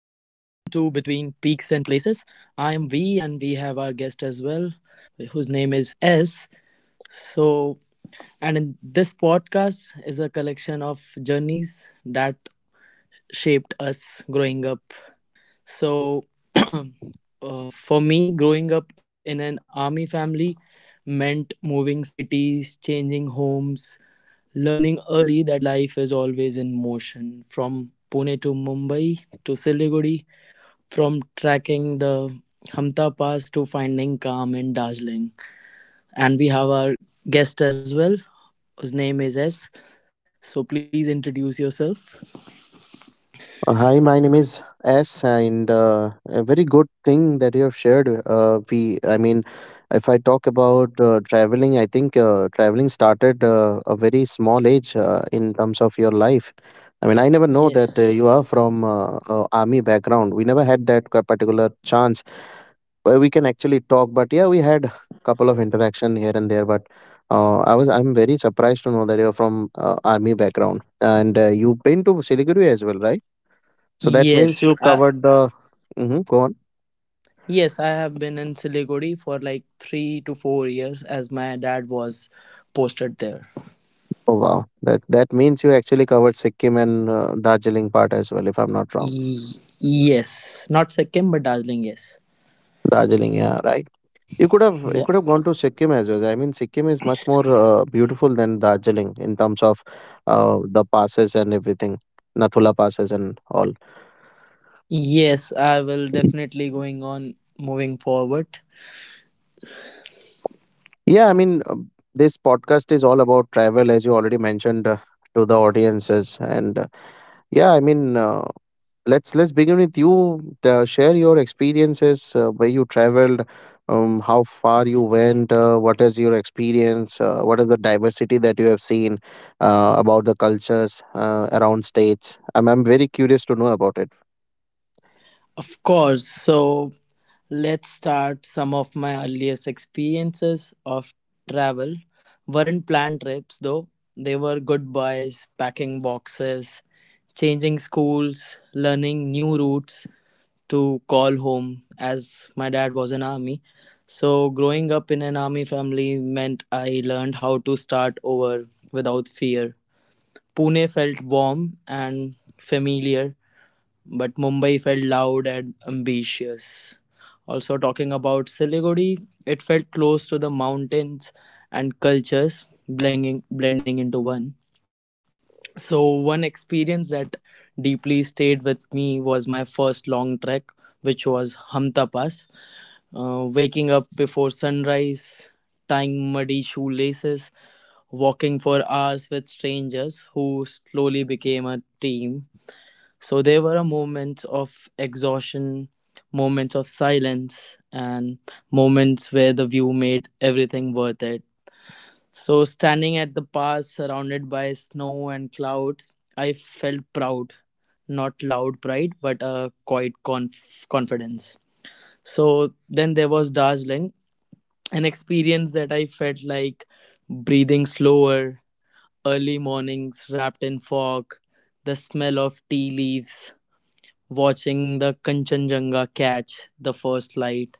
Places. I am V, and we have our guest as well, whose name is S. So, and in this podcast is a collection of journeys that shaped us growing up. So, for me, growing up in an army family meant moving cities, changing homes, learning early that life is always in motion from Pune to Mumbai to Siliguri, from tracking the Hamta Pass to finding calm in Darjeeling. And we have our guest as well, whose name is S. So please introduce yourself. Hi, my name is S, and a very good thing that you have shared. I mean, if I talk about traveling, I think traveling started a very small age in terms of your life. I mean, I never know Yes. that you are from army background. We never had that particular chance where we can actually talk. But yeah, we had couple of interaction here and there. But I'm very surprised to know that you're from army background, and you've been to Siliguri as well, right? So that means Yes. you covered the. Hmm, go on. Yes, I have been in Siliguri for like 3 to 4 years as my dad was posted there. Oh wow, that means you actually covered Sikkim and Darjeeling part as well, if I'm not wrong. Yes. Not Sikkim, but Darjeeling, yes. Darjeeling, yeah, right. You could have gone to Sikkim as well. I mean, Sikkim is much more beautiful than Darjeeling in terms of the passes and everything, Nathula passes and all. Yes, I will definitely going on moving forward. Yeah, I mean, this podcast is all about travel, as you already mentioned to the audiences. I mean, let's begin with you. Share your experiences where you traveled, how far you went, what is your experience, what is the diversity that you have seen about the cultures around states. I'm very curious to know about it. Of course. So let's start some of my earliest experiences of travel. Weren't planned trips though. They were goodbyes, packing boxes, changing schools, learning new routes to call home as my dad was an army. So growing up in an army family meant I learned how to start over without fear. Pune felt warm and familiar, but Mumbai felt loud and ambitious. Also, talking about Siliguri, it felt close to the mountains and cultures, blending into one. So, one experience that deeply stayed with me was my first long trek, which was Hamta Pass. Waking up before sunrise, tying muddy shoelaces, walking for hours with strangers who slowly became a team. So there were a moments of exhaustion, moments of silence, and moments where the view made everything worth it. So standing at the pass surrounded by snow and clouds, I felt proud. Not loud pride, but a quiet confidence. So then there was Darjeeling, an experience that I felt like breathing slower, early mornings wrapped in fog, the smell of tea leaves, watching the Kanchenjunga catch the first light,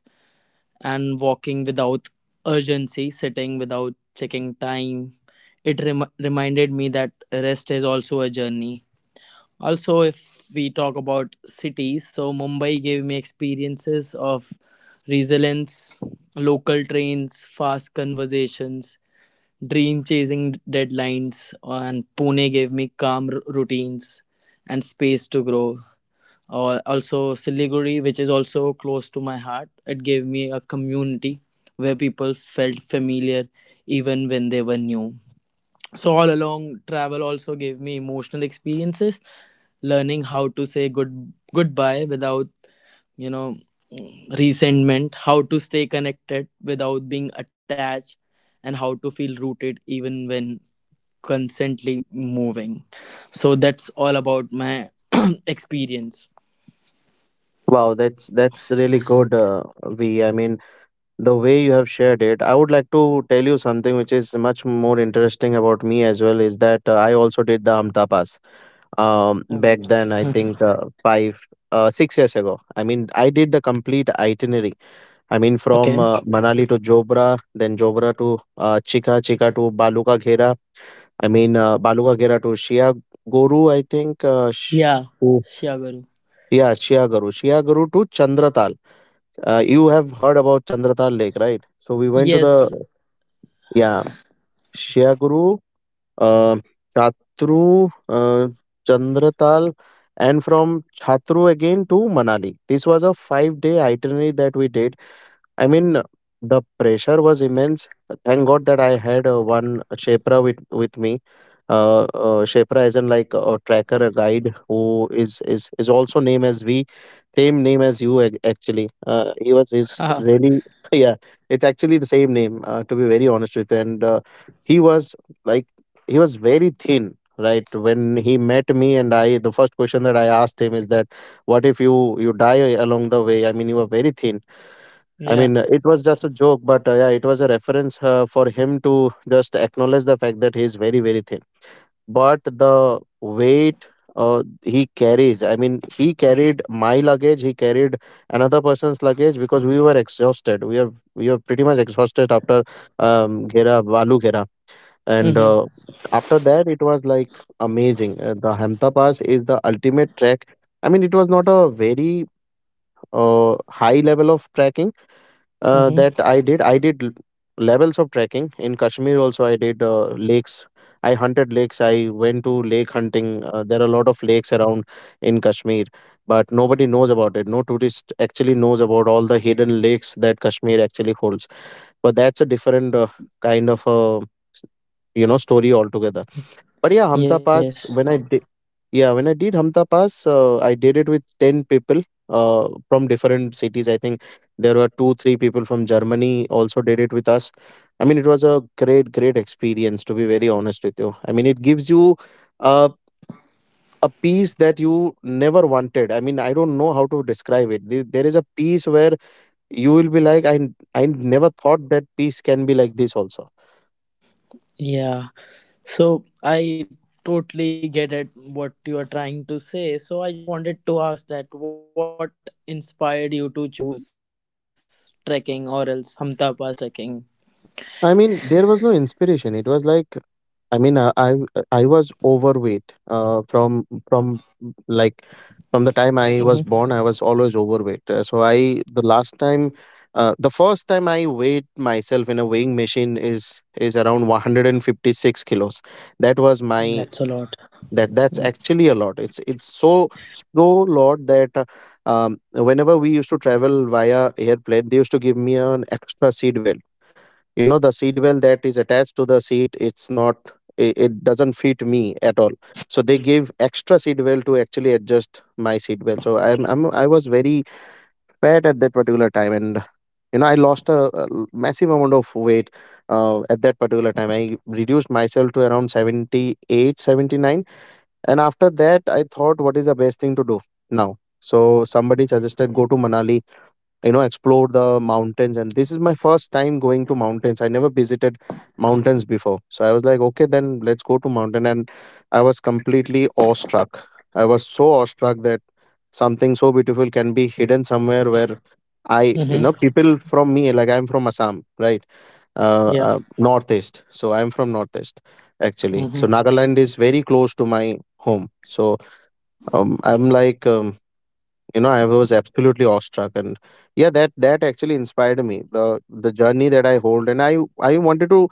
and walking without urgency, sitting without checking time. It reminded me that rest is also a journey. Also, if we talk about cities, so Mumbai gave me experiences of resilience, local trains, fast conversations, dream chasing deadlines, and Pune gave me calm routines and space to grow. Or also Siliguri, which is also close to my heart, it gave me a community where people felt familiar even when they were new. So all along, travel also gave me emotional experiences, learning how to say goodbye without you know resentment, how to stay connected without being attached, and how to feel rooted even when constantly moving. So that's all about my experience. Wow, that's really good, V. I mean, the way you have shared it, I would like to tell you something which is much more interesting about me as well is that I also did the Amta Pass, Oh um, my back then god. I think 5 6 years ago. I mean, I did the complete itinerary. I mean from Okay. Manali to Jobra, then Jobra to Chika, to Baluka Ghera. I mean Baluka Ghera to Shia Guru I think, Yeah. to- Shiagaru. yeah, Shia Guru to Chandratal. You have heard about Chandratal Lake, right? So we went to the, Yes. yeah, Shreya Guru, uh, Chatru, Chandratal, and from Chatru again to Manali. This was a 5 day itinerary that we did. I mean, the pressure was immense. Thank God that I had one Shepra with me. Shepra isn't like a tracker, a guide who is also name as we, same name as you actually. He was is Ah. really yeah. It's actually the same name, to be very honest with you. And he was like he was very thin. Right when he met me, and I, the first question that I asked him is that, "What if you die along the way? I mean, you are very thin." I Yeah. mean, it was just a joke, but yeah, it was a reference for him to just acknowledge the fact that he is very, very thin. But the weight he carries, I mean, he carried my luggage, he carried another person's luggage because we were exhausted. We were pretty much exhausted after Valu Ghera. And Mm-hmm. After that, it was like amazing. The Hamta Pass is the ultimate trek. I mean, it was not a very high level of trekking Mm-hmm. that I did. Levels of trekking in Kashmir. Also, I did lakes. I hunted lakes. I went to lake hunting. There are a lot of lakes around in Kashmir, but nobody knows about it. No tourist actually knows about all the hidden lakes that Kashmir actually holds. But that's a different kind of a story altogether. But yeah, Hamta Yes. Pass, when I did, yeah, when I did Hamta Pass, I did it with 10 people from different cities. I think there were two, three people from Germany also did it with us. I mean, it was a great, great experience, to be very honest with you. I mean, it gives you uh, a peace that you never wanted. I mean, I don't know how to describe it. There is a peace where you will be like, I never thought that peace can be like this also. Yeah. So I totally get at what you are trying to say. So I just wanted to ask that what inspired you to choose trekking or else Hamta Pass trekking? I mean, there was no inspiration. It was like, I mean, I was overweight like from the Mm-hmm. time I was born. I was always overweight. So I the last time, The first time I weighed myself in a weighing machine is around 156 kilos. That was That's my a lot. That's actually a lot. It's so so lot that. Whenever we used to travel via airplane, they used to give me an extra seat belt. You know the seat well that is attached to the seat, it's not, it doesn't fit me at all, so they gave extra seat well to actually adjust my seat well. So I was very fat at that particular time, and you know, I lost a massive amount of weight at that particular time. I reduced myself to around 78, 79, and after that I thought what is the best thing to do now. So somebody suggested go to Manali, you know, explore the mountains, and this is my first time going to mountains. I never visited mountains before, so I was like okay, then let's go to mountain. And I was completely awestruck. I was so awestruck that something so beautiful can be hidden somewhere where i you Mm-hmm. know people from me, like I'm from Assam, right? Yeah. Northeast, so I'm from Northeast actually. So Mm-hmm. Nagaland is very close to my home. So I'm like you know I was absolutely awestruck. And yeah, that actually inspired me. The journey that I hold, and I wanted to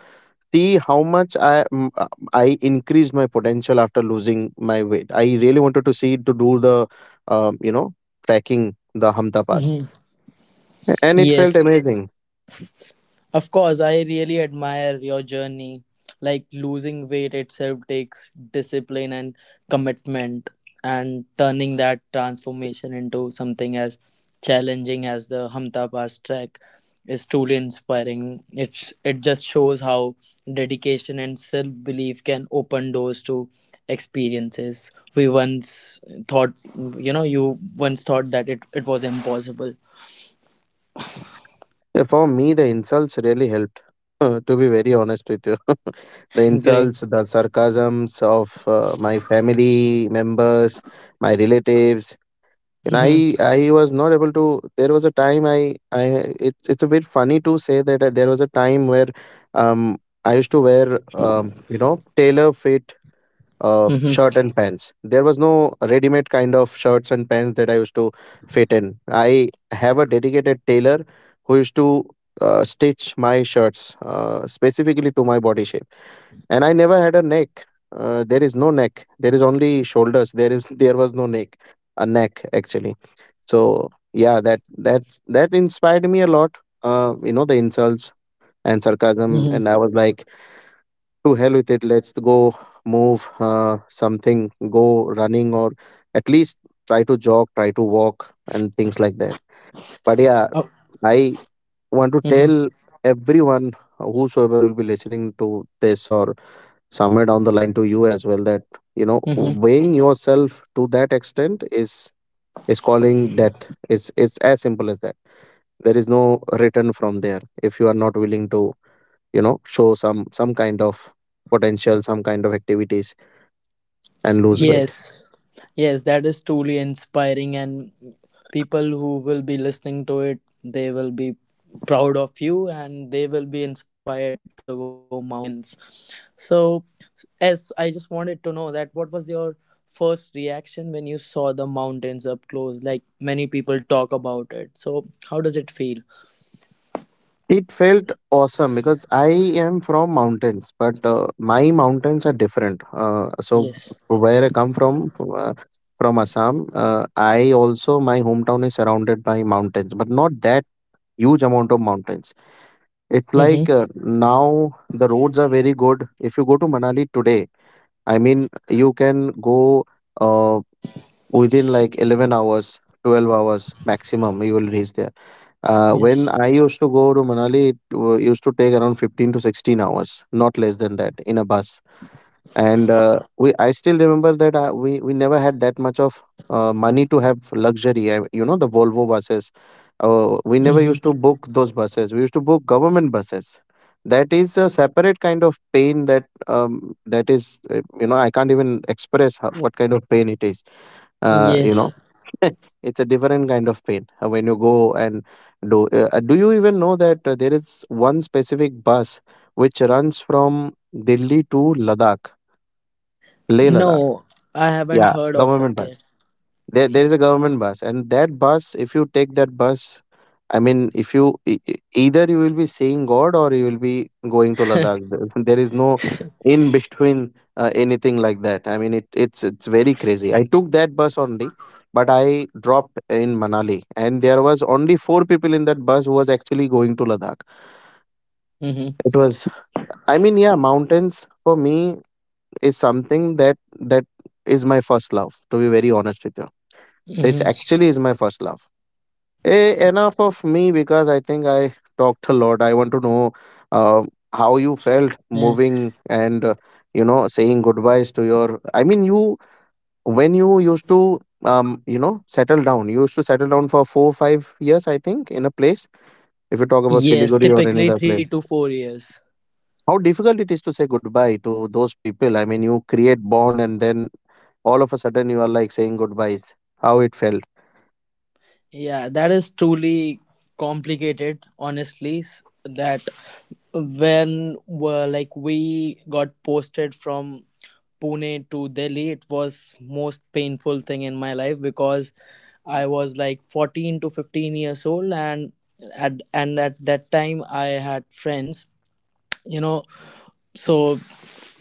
see how much I m- uh, i increased my potential after losing my weight. I really wanted to see to do the um, you know tracking, the Hamta Pass. Mm-hmm. And it felt Yes. amazing. Of course, I really admire your journey. Like losing weight itself takes discipline and commitment, and turning that transformation into something as challenging as the Hamta Pass trek is truly inspiring. It just shows how dedication and self belief can open doors to experiences we once thought, that it was impossible. For me the insults really helped to be very honest with you the Great. insults, the sarcasms of my family members, my relatives. And i Hmm. i was not able to, there was a time I, it's a bit funny to say that there was a time where, um I used to wear, tailor fit Hmm. shirt and pants. There was no ready made kind of shirts and pants that I used to fit in. I have a dedicated tailor who used to stitch my shirts specifically to my body shape, and I never had a neck. There is no neck There is only shoulders. There was no neck, a neck actually. So yeah, that inspired me a lot, you know, the insults and sarcasm. And I was like, to hell with it, let's go move, something, go running, or at least try to jog, try to walk and things like that. But yeah, I want to Hmm. tell everyone whosoever will be listening to this or somewhere down the line to you as well that, you know, Mm-hmm. weighing yourself to that extent is calling death. It's as simple as that. There is no return from there if you are not willing to, you know, show some kind of potential, some kind of activities and lose weight. Yes, yes, that is truly inspiring, and people who will be listening to it, they will be proud of you and they will be inspired to go mountains. So, as I just wanted to know that what was your first reaction when you saw the mountains up close? Like many people talk about it. So, how does it feel? It felt awesome because I am from mountains, but my mountains are different. Yes. Where I come from, uh, from Assam, I also, my hometown is surrounded by mountains, but not that huge amount of mountains. It's Mm-hmm. like now the roads are very good. If you go to Manali today, I mean, you can go uh, within like 11 hours, 12 hours maximum, you will reach there. Yes. When I used to go to Manali, it used to take around 15 to 16 hours, not less than that, in a bus. And we I still remember that we never had that much of money to have luxury. You know the Volvo buses, we never Mm-hmm. used to book those buses, we used to book government buses. That is a separate kind of pain, that, that is, I can't even express how, what kind of pain it is, uh, you Yes. know it's a different kind of pain when you go and do. Do you even know that there is one specific bus which runs from Delhi to Ladakh, Leh Ladakh? No, I haven't Yeah, heard of government it yet. bus. There Yeah. is a government bus, and that bus, if you take that bus, I mean, if you either you will be seeing God or you will be going to Ladakh. There is no in between anything like that. I mean, it's very crazy. I took that bus only, but I dropped in Manali, and there was only four people in that bus who was actually going to Ladakh. Mm-hmm. It was, I mean, yeah, mountains for me is something that is my first love. To be very honest with you, it's Mm-hmm. actually is my first love. Enough of me because I think I talked a lot. I want to know uh, how Mm. you felt moving and saying goodbyes to your. I mean, you when you used to settle down. You used to settle down for 4-5 years, I think, in a place. If you talk about Yes, Siliguri or any typically other three place, to four years. how difficult it is to say goodbye to those people. I mean, you create bond and then all of a sudden you are like saying goodbyes. How it felt. Yeah, that is truly complicated, honestly. That when were like we got posted from Pune to Delhi, it was most painful thing in my life because I was like 14 to 15 years old, and at that time I had friends, you know, so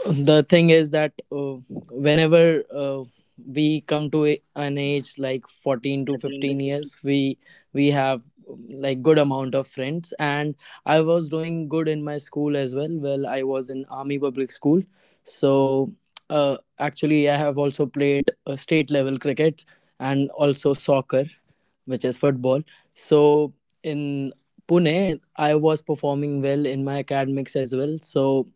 the thing is that whenever we come to an age like 14 to 15 years, we have like good amount of friends, and I was doing good in my school as well. Well, I was in army public school. So actually I have also played state level cricket, and also soccer, which is football. So in Pune I was performing well in my academics as well. So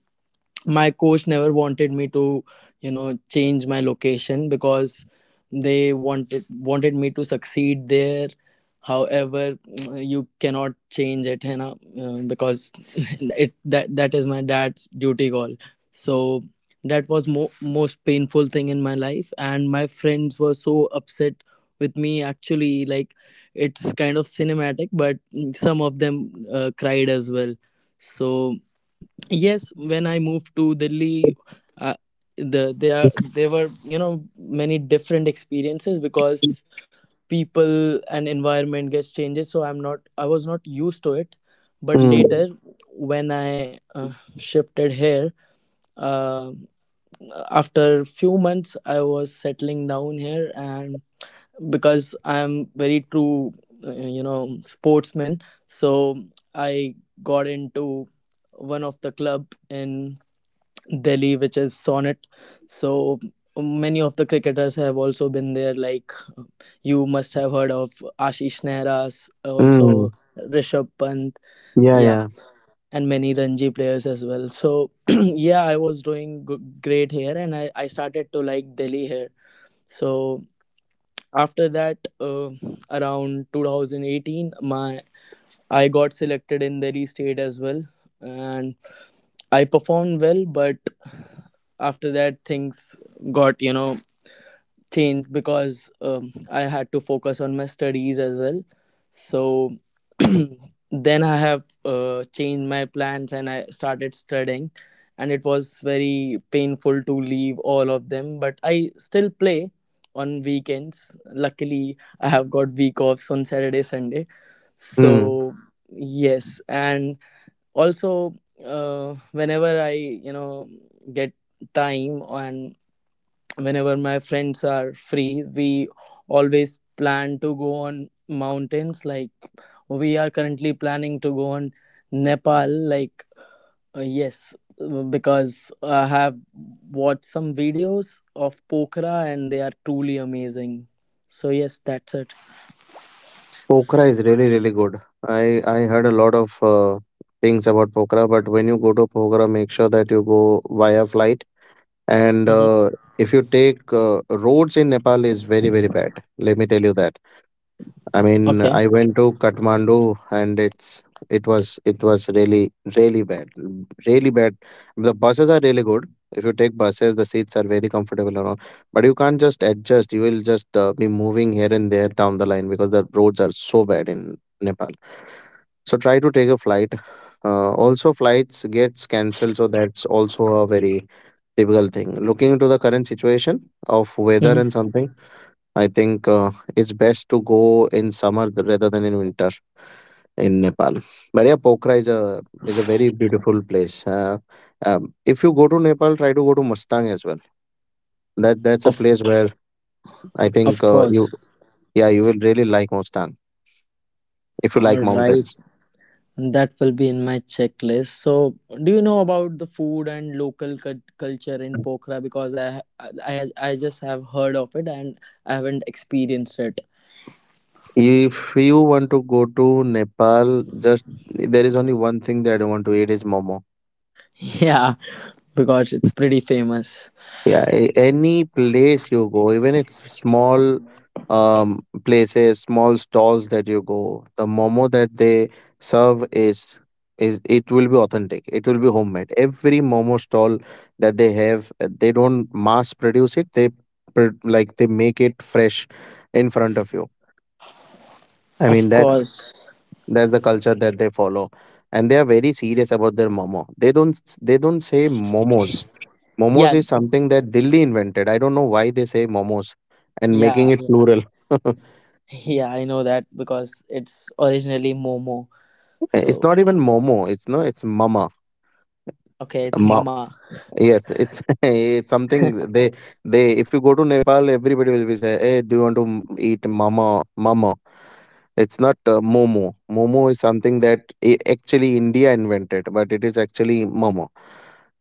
my coach never wanted me to change my location because they wanted me to succeed there. However, you cannot change it you because it that that is my dad's duty call. So that was most painful thing in my life, and my friends were so upset with me, actually, like, it's kind of cinematic, but some of them cried as well. So yes, when I moved to Delhi, uh, there were many different experiences because people and environment gets changes. So I was not used to it, but Mm. later when I shifted here, uh, after few months I was settling down here, and because I'm very true, sportsman, so I got into one of the club in Delhi, which is Sonnet. So many of the cricketers have also been there. Like uh, you must have heard of Ashish Nehra's, also Mm. Rishabh Pant, Yeah, yeah, yeah. and many Ranji players as well. So yeah, I was doing great here, and I started to like Delhi here. So after that, around 2018, my I got selected in Delhi State as well, and I performed well, but after that things got changed because I had to focus on my studies as well. So then I have changed my plans and I started studying, and it was very painful to leave all of them. But I still play on weekends. Luckily, I have got week offs on Saturday, Sunday. Hmm. So yes, and also whenever I get time and whenever my friends are free, we always plan to go on mountains. Like, we are currently planning to go on Nepal, like, yes, because I have watched some videos of Pokhara and they are truly amazing. So yes, that's it. Pokhara is really, really good. I heard a lot of things about Pokhara, but when you go to Pokhara, make sure that you go via flight. And Hmm. If you take roads in Nepal is very, very bad. Let me tell you that. I mean, Okay. I went to Kathmandu and it was really, really bad, really bad. The buses are really good. If you take buses, the seats are very comfortable and all. But you can't just adjust. You will just be moving here and there down the line because the roads are so bad in Nepal. So try to take a flight. Also, flights gets cancelled, so that's also a very typical thing. Looking into the current situation of weather Hmm. and something, I think it's best to go in summer rather than in winter in Nepal. But yeah, Pokhara is a very beautiful place. If you go to Nepal, try to go to Mustang as well. That's a of place where I think of you course. yeah, you will really like Mustang if you like Alright. mountains. That will be in my checklist. So, do you know about the food and local culture in Pokhara? Because I just have heard of it and I haven't experienced it. If you want to go to Nepal, just there is only one thing that I don't want to eat is momo. Yeah, because it's pretty famous. Yeah, any place you go, even it's small places, small stalls that you go, the momo that they serve is It will be authentic. It will be homemade. Every momo stall that they have, they don't mass produce it. They like they make it fresh in front of you. I mean Of that's course. that's the culture that they follow, and they are very serious about their momo. They don't s- they don't say momos. Momos Yeah, is something that Delhi invented. I don't know why they say momos and making yeah, it yeah. plural. Yeah, I know that because it's originally Momo. It's So, not even momo. It's no. It's mama. okay, it's Ma- Mama. yes, it's it's something they they. If you go to Nepal, everybody will be say, "Hey, do you want to eat mama mama?" It's not momo. Momo is something that actually India invented, but it is actually momo.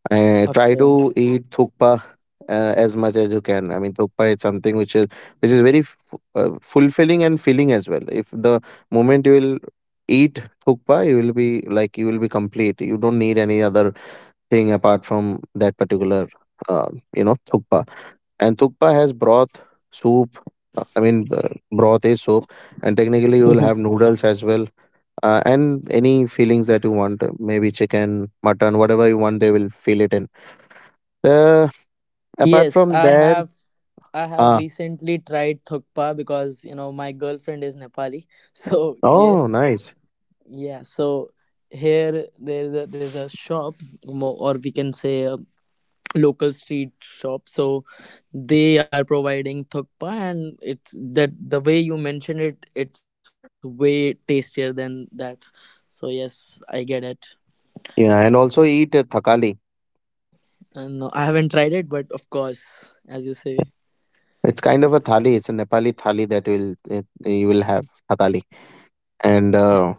Try Okay. to eat thukpa as much as you can. I mean, thukpa is something which is very fulfilling and filling as well. If the moment you will eat thukpa, you will be like you will be complete. You don't need any other thing apart from that particular uh, thukpa. And thukpa has broth, soup. I mean, broth is soup, and technically you will have noodles as well, and any fillings that you want, maybe chicken, mutton, whatever you want, they will fill it in uh, apart Yes, from I that, have. I have uh, recently tried thukpa because my girlfriend is Nepali. So yes, oh, nice. yeah, so here there's a shop, or we can say a local street shop. So they are providing thukpa, and it's that the way you mentioned it, it's way tastier than that. So yes, I get it. Yeah, and also eat a thakali. And no, I haven't tried it, but of course, as you say, It's kind of a thali. It's a Nepali thali that will it, you will have thakali. And of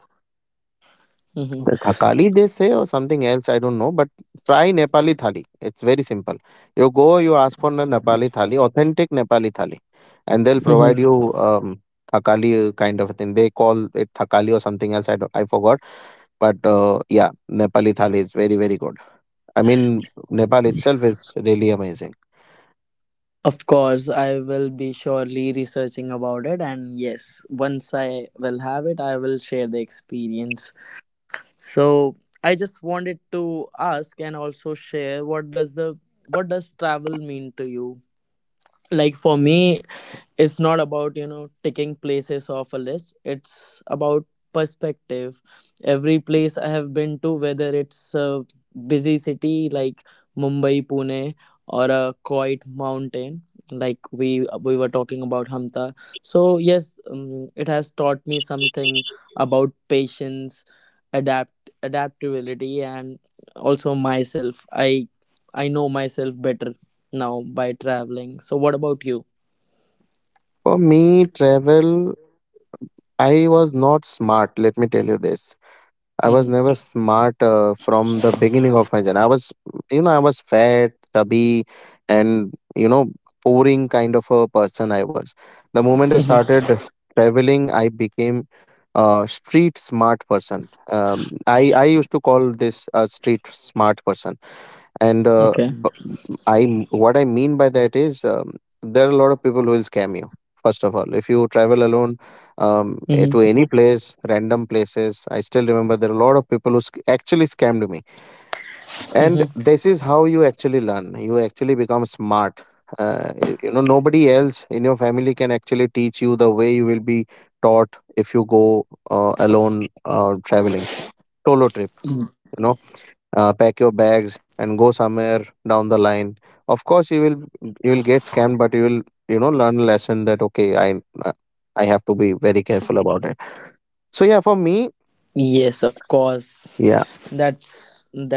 hmm the thakali they say or something else I don't know. But try Nepali thali. It's very simple. You go, you ask for a Nepali thali, authentic Nepali thali, and they'll hmm provide you thakali kind of a thing. They call it thakali or something else. I don't, I forgot. But yeah, Nepali thali is very, very good. I mean, Nepal itself is really amazing. of course, I will be surely researching about it. And yes, once I will have it, I will share the experience. So I just wanted to ask and also share what does travel mean to you? Like for me, it's not about ticking places off a list. It's about perspective. Every place I have been to, whether it's a busy city like Mumbai, Pune, or a quiet mountain, like we were talking about Hamta. So yes, it has taught me something about patience, adaptability, and also myself. I know myself better now by traveling. So what about you? For me, travel, I was not smart. Let me tell you this. I was Hmm. never smart from the beginning of my journey. I was fat, chubby, and, boring kind of a person I was. The moment I started traveling, I became a street smart person. I used to call this a street smart person and Okay. b- I what I mean by that is there are a lot of people who will scam you. First of all, if you travel alone to Mm-hmm. any place, random places, I still remember there are a lot of people who actually scammed me. And Mm-hmm. this is how you actually learn. You actually become smart. Nobody else in your family can actually teach you the way you will be taught if you go alone, traveling, solo trip. You know, pack your bags and go somewhere down the line. Of course you will get scammed, but you will learn a lesson that, okay, uh, I have to be very careful about it. So yeah, for me, Yes, of course. yeah. That's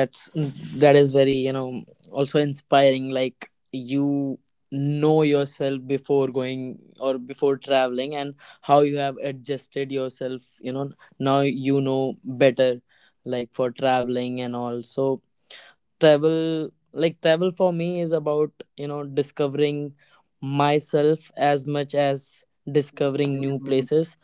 that is very also inspiring. Like, you know yourself before going or before traveling, and how you have adjusted yourself. You know, now you know better, like, for traveling and all. So travel, like, travel for me is about discovering myself as much as discovering new places,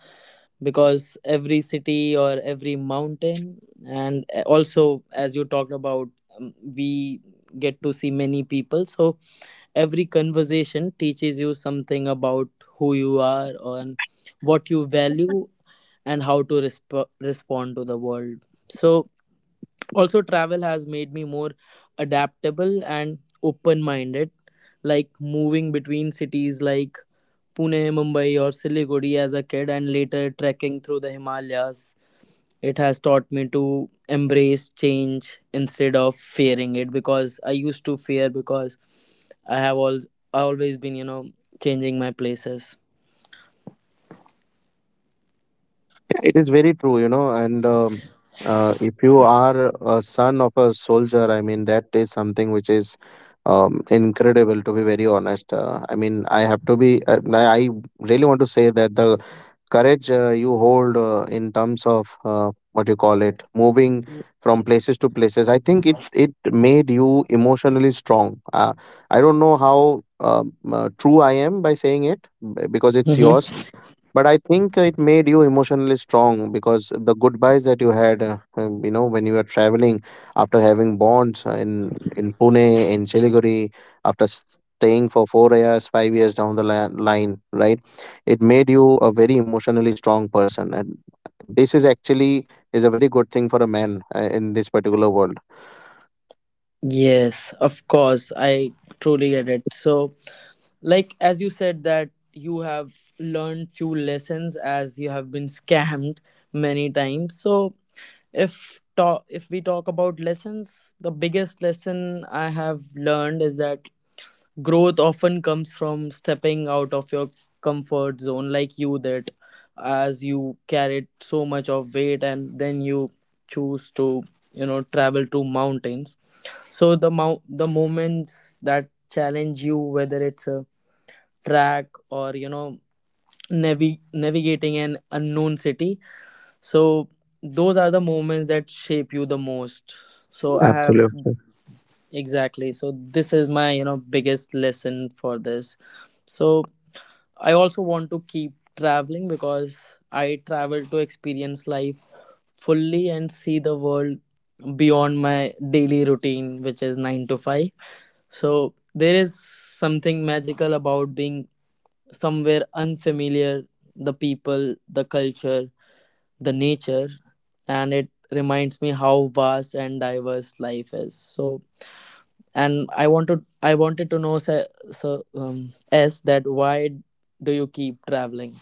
because every city or every mountain, and also, as you talked about, we get to see many people. So every conversation teaches you something about who you are and what you value and how to respond to the world. So also, travel has made me more adaptable and open minded, like moving between cities like Pune, Mumbai, or Siliguri as a kid, and later trekking through the Himalayas. It has taught me to embrace change instead of fearing it, because I used to fear, because I have always been, changing my places. Yeah, it is very true, and if you are a son of a soldier, I mean that is something which is incredible. To be very honest, I mean I have to be I really want to say that the courage you hold in terms of what you call it, moving from places to places. I think it made you emotionally strong. I don't know how true I am by saying it, because it's Mm-hmm. yours. But I think it made you emotionally strong because the goodbyes that you had, when you were traveling after having bonds in Pune, in Siliguri, after staying for 4 years, 5 years down the line, right, it made you a very emotionally strong person. And this is actually is a very good thing for a man in this particular world. Yes, of course. I truly get it. So, like as you said that you have learned few lessons, as you have been scammed many times, so if we talk about lessons, the biggest lesson I have learned is that growth often comes from stepping out of your comfort zone, like you that, as you carried so much of weight and then you choose to travel to mountains. So the moments that challenge you, whether it's a track or navigating an unknown city, so those are the moments that shape you the most. So I have Absolutely. exactly. So this is my biggest lesson for this. So I also want to keep traveling because I travel to experience life fully and see the world beyond my daily routine, which is 9 to 5. So there is something magical about being somewhere unfamiliar, the people, the culture, the nature, and it reminds me how vast and diverse life is. So, and I wanted to know, so, S, that why do you keep traveling?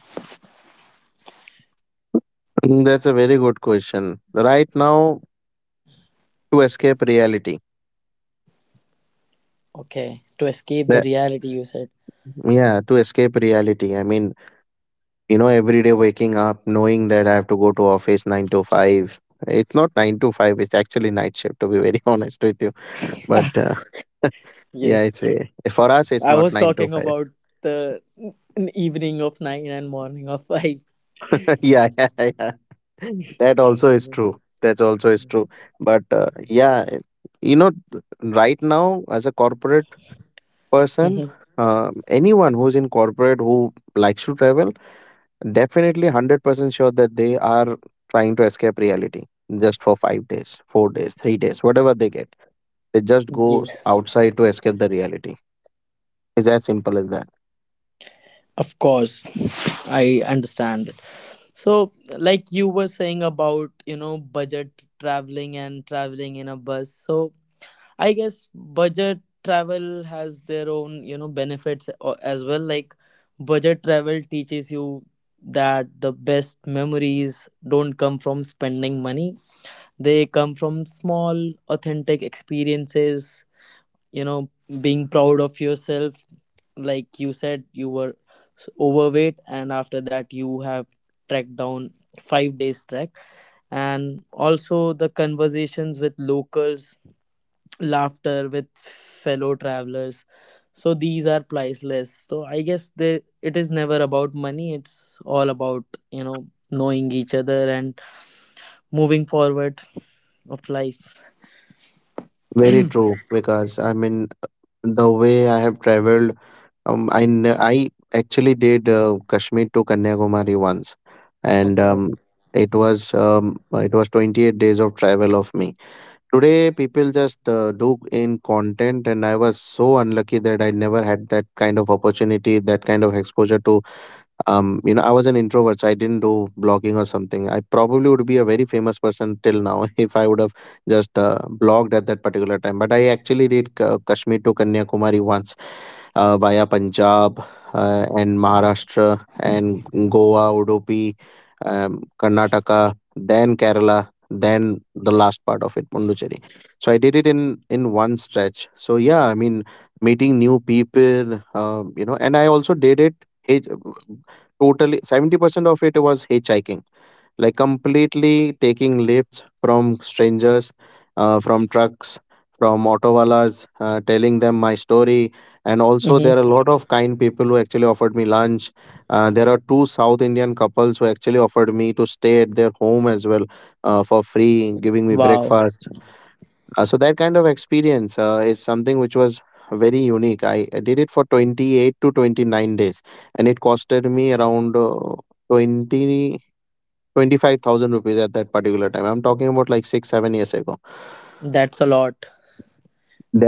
Mm, that's a very good question. Right now, to escape reality. Okay, to escape the That's, reality, you said. yeah, to escape reality. I mean, every day waking up knowing that I have to go to office, 9 to 5. It's not 9 to 5, it's actually night shift, to be very honest with you. But yeah, Yes, it's a, for us it's I not was 9 to talking 5. about the evening of 9 and morning of 5. Yeah, yeah, yeah. That also is true. That's also is true. But yeah, you know, right now as a corporate person, anyone who's in corporate who likes to travel, definitely 100% sure that they are trying to escape reality just for 5 days, 4 days, 3 days, whatever they get. They just go Yes, outside to escape the reality. It's as simple as that. of course, I understand. So, like you were saying about, budget traveling and traveling in a bus. So, I guess budget travel has their own, benefits as well. Like, budget travel teaches you that the best memories don't come from spending money, they come from small, authentic experiences, you know being proud of yourself, like you said you were overweight and after that you have tracked down 5 days trek, and also the conversations with locals, laughter with fellow travelers. So these are priceless. So I guess, it is never about money. It's all about knowing each other and moving forward of life. Very true, because I mean, the way I have traveled. I actually did Kashmir to Kanyakumari once, and Okay. It was 28 days of travel of me. Today, people just do in content, and I was so unlucky that I never had that kind of opportunity, that kind of exposure to I was an introvert, so I didn't do blogging or something. I probably would be a very famous person till now if I would have just blogged at that particular time. But I actually did Kashmir to Kanyakumari once, via Punjab, and Maharashtra, and Goa, Udupi, um, Karnataka, then Kerala, then the last part of it, Pondicherry. So I did it in one stretch. So yeah, I mean, meeting new people, and I also did it. Hey, totally 70% of it was hitchhiking, like completely taking lifts from strangers, from trucks, from autowalas, telling them my story. And also, there Mm-hmm. are a lot of kind people who actually offered me lunch. There are two South Indian couples who actually offered me to stay at their home as well, for free, giving me Wow, breakfast. So that kind of experience is something which was very unique. I did it for 28 to 29 days, and it costed me around uh, 20 25,000 rupees at that particular time. I'm talking about like 6 7 years ago. that's a lot.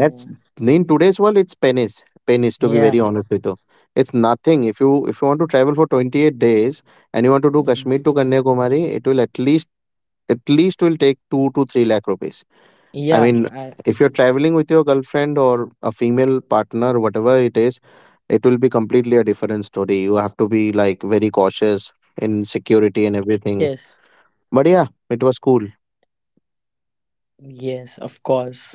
Yeah. in today's world it's pennies. Pennies, to be Yeah. very honest with you. It's nothing. If you want to travel for 28 days and you want to do Mm, Kashmir to Kanyakumari, it will at least will take 2 to 3 lakh rupees. I yeah. mean, I, if you're traveling with your girlfriend or a female partner, whatever it is, it will be completely a different story. You have to be like very cautious in security and yes. everything. But yeah, it was cool. Yes, of course.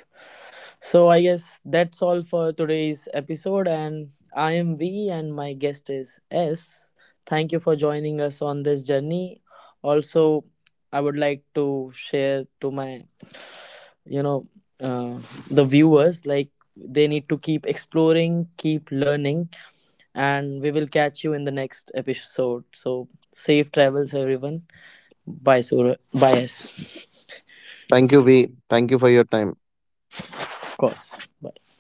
So I guess that's all for today's episode. And I am V, and my guest is S. Thank you for joining us on this journey. Also, I would like to share to you know, uh, the viewers, like, they need to keep exploring, keep learning, and we will catch you in the next episode. So safe travels, everyone. Bias, or bias, Thank you, V. Thank you for your time. of course. Bye.